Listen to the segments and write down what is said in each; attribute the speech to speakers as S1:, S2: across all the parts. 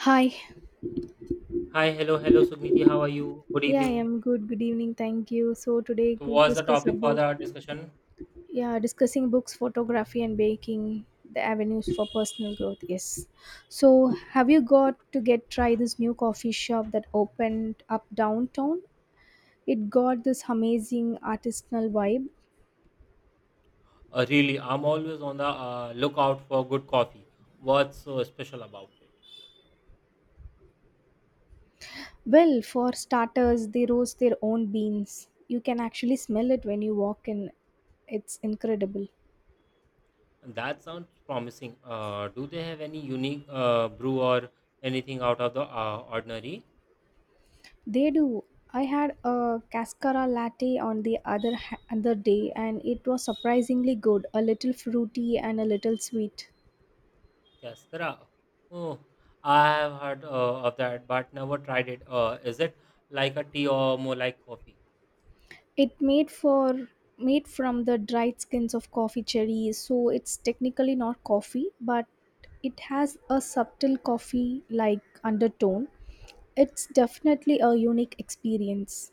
S1: Hi.
S2: Hi, hello, hello, Sugniti. How are you? Good
S1: Yeah, I
S2: evening.
S1: am good. Good evening. Thank you. So today
S2: So,
S1: going to
S2: what's the
S1: discuss
S2: topic for
S1: about
S2: the discussion?
S1: yeah, discussing books, photography and baking, the avenues for personal growth. Yes. So
S2: Okay.
S1: have you got to get try this new coffee shop that opened up downtown? It got this amazing artisanal vibe.
S2: Really, I'm always on the lookout for good coffee. What's so special about it?
S1: Well, for starters, they roast their own beans. You can actually smell it when you walk in. It's incredible.
S2: That sounds promising. Do they have any unique brew or anything out of the ordinary?
S1: They do. I had a cascara latte on the other day, and it was surprisingly good, a little fruity and a little sweet.
S2: Cascara. Oh, I have heard of that, but never tried it. Is it like a tea or more like coffee?
S1: It made for Made from the dried skins of coffee cherries, so it's technically not coffee, but it has a subtle coffee like undertone. It's definitely a unique experience.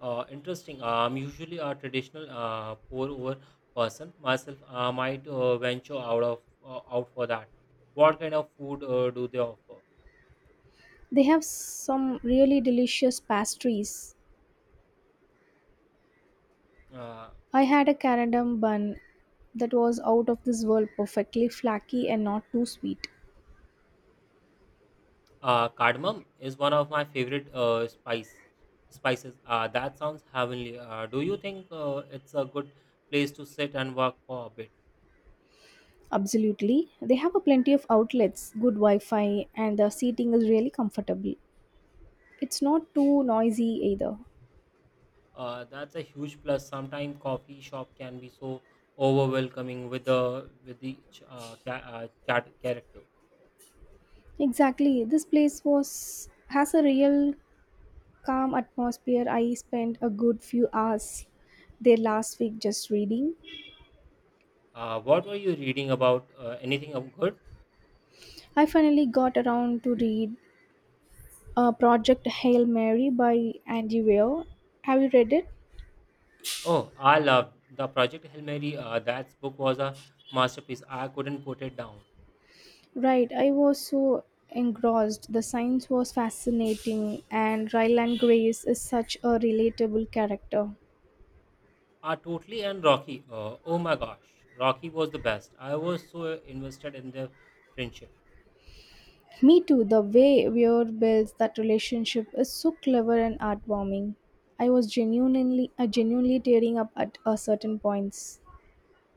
S2: Interesting. I'm usually a traditional pour over person myself. I might venture out for that. What kind of food do they offer?
S1: They have some really delicious pastries.
S2: Uh,
S1: I had a carandom bun that was out of this world, perfectly flaky and not too sweet.
S2: Cardamom is one of my favorite spices. That sounds heavenly. Do you think it's a good place to sit and work for a bit?
S1: Absolutely. They have a plenty of outlets, good Wi-Fi, and the seating is really comfortable. It's not too noisy either.
S2: That's a huge plus. Sometimes coffee shop can be so overwhelming with the cat character.
S1: Exactly. This place was has a real calm atmosphere. I spent a good few hours there last week just reading.
S2: What were you reading about? Anything of good?
S1: I finally got around to read Project Hail Mary by Andy Weir. Have you read it?
S2: Oh, I loved the Project Hail Mary. That book was a masterpiece. I couldn't put it down.
S1: Right, I was so engrossed. The science was fascinating, and Ryland Grace is such a relatable character.
S2: Ah, totally, and Rocky. Oh my gosh, Rocky was the best. I was so invested in their friendship.
S1: Me too, the way Weir builds that relationship is so clever and heartwarming. I was genuinely tearing up at a certain points.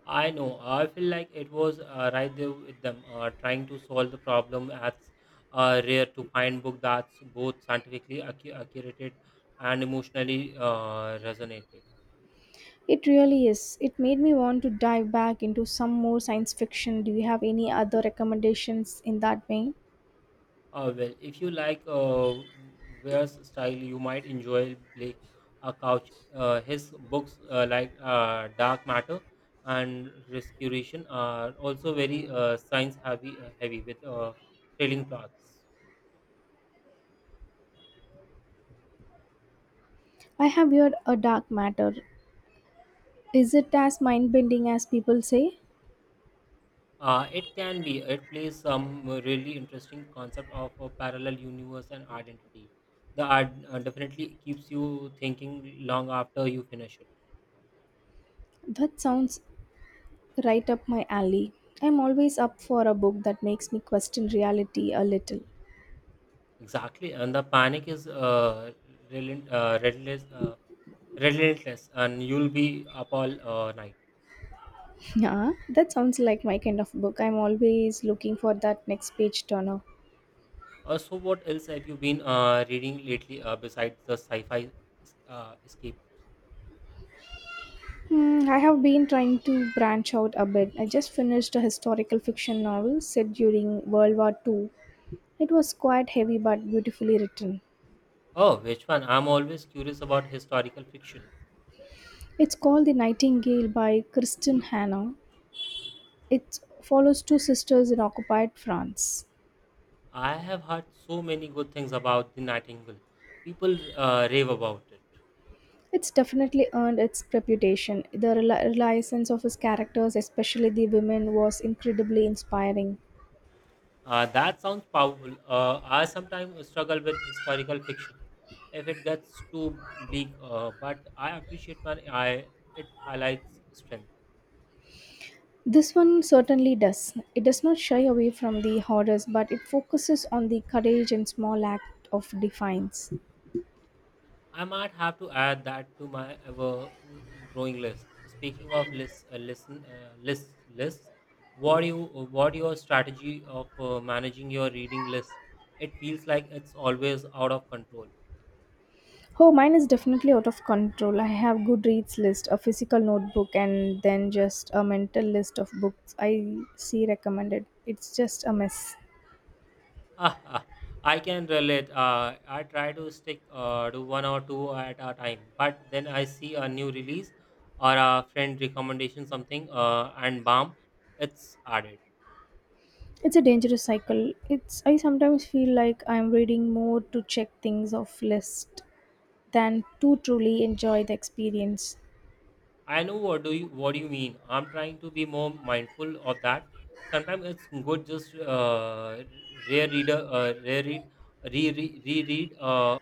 S2: I know. I feel like it was right there with them, trying to solve the problem. As rare to find book that's both scientifically accurate and emotionally resonated.
S1: It really is. It made me want to dive back into some more science fiction. Do you have any other recommendations in that vein?
S2: Well, if you like Ware's style, you might enjoy Blake Couch. His books like Dark Matter and Rescuration are also very science heavy, heavy with thrilling plots.
S1: I have heard a dark matter. Is it as mind bending as people say?
S2: It can be. It plays some really interesting concept of a parallel universe and identity. The art definitely keeps you thinking long after you finish it.
S1: That sounds right up my alley. I'm always up for a book that makes me question reality a little.
S2: Exactly, and the panic is relentless. Relentless, and you'll be up all night.
S1: Yeah, that sounds like my kind of book. I'm always looking for that next page turner.
S2: So, what else have you been reading lately besides the sci fi escape?
S1: Hmm, I have been trying to branch out a bit. I just finished a historical fiction novel set during World War Two. It was quite heavy but beautifully written.
S2: Oh, which one? I'm always curious about historical fiction.
S1: It's called The Nightingale by Kristen Hannah. It follows two sisters in occupied France.
S2: I have heard so many good things about The Nightingale. People rave about it.
S1: It's definitely earned its reputation. The reliance of his characters, especially the women, was incredibly inspiring.
S2: That sounds powerful. I sometimes struggle with historical fiction if it gets too bleak, but I appreciate when it highlights strength.
S1: This one certainly does. It does not shy away from the horrors, but it focuses on the courage and small act of defiance.
S2: I might have to add that to my ever growing list. Speaking of lists, lists. What you, what your strategy of managing your reading list? It feels like it's always out of control.
S1: Oh, mine is definitely out of control. I have Goodreads list, a physical notebook, and then just a mental list of books I see recommended. It's just a mess.
S2: Ah, I can relate. I try to stick to one or two at a time, but then I see a new release or a friend recommendation something, and bam, it's added.
S1: It's a dangerous cycle. It's I sometimes feel like I'm reading more to check things off list than to truly enjoy the experience.
S2: I know, what do you mean. I'm trying to be more mindful of that. Sometimes it's good just re-read, uh, re-read, reread.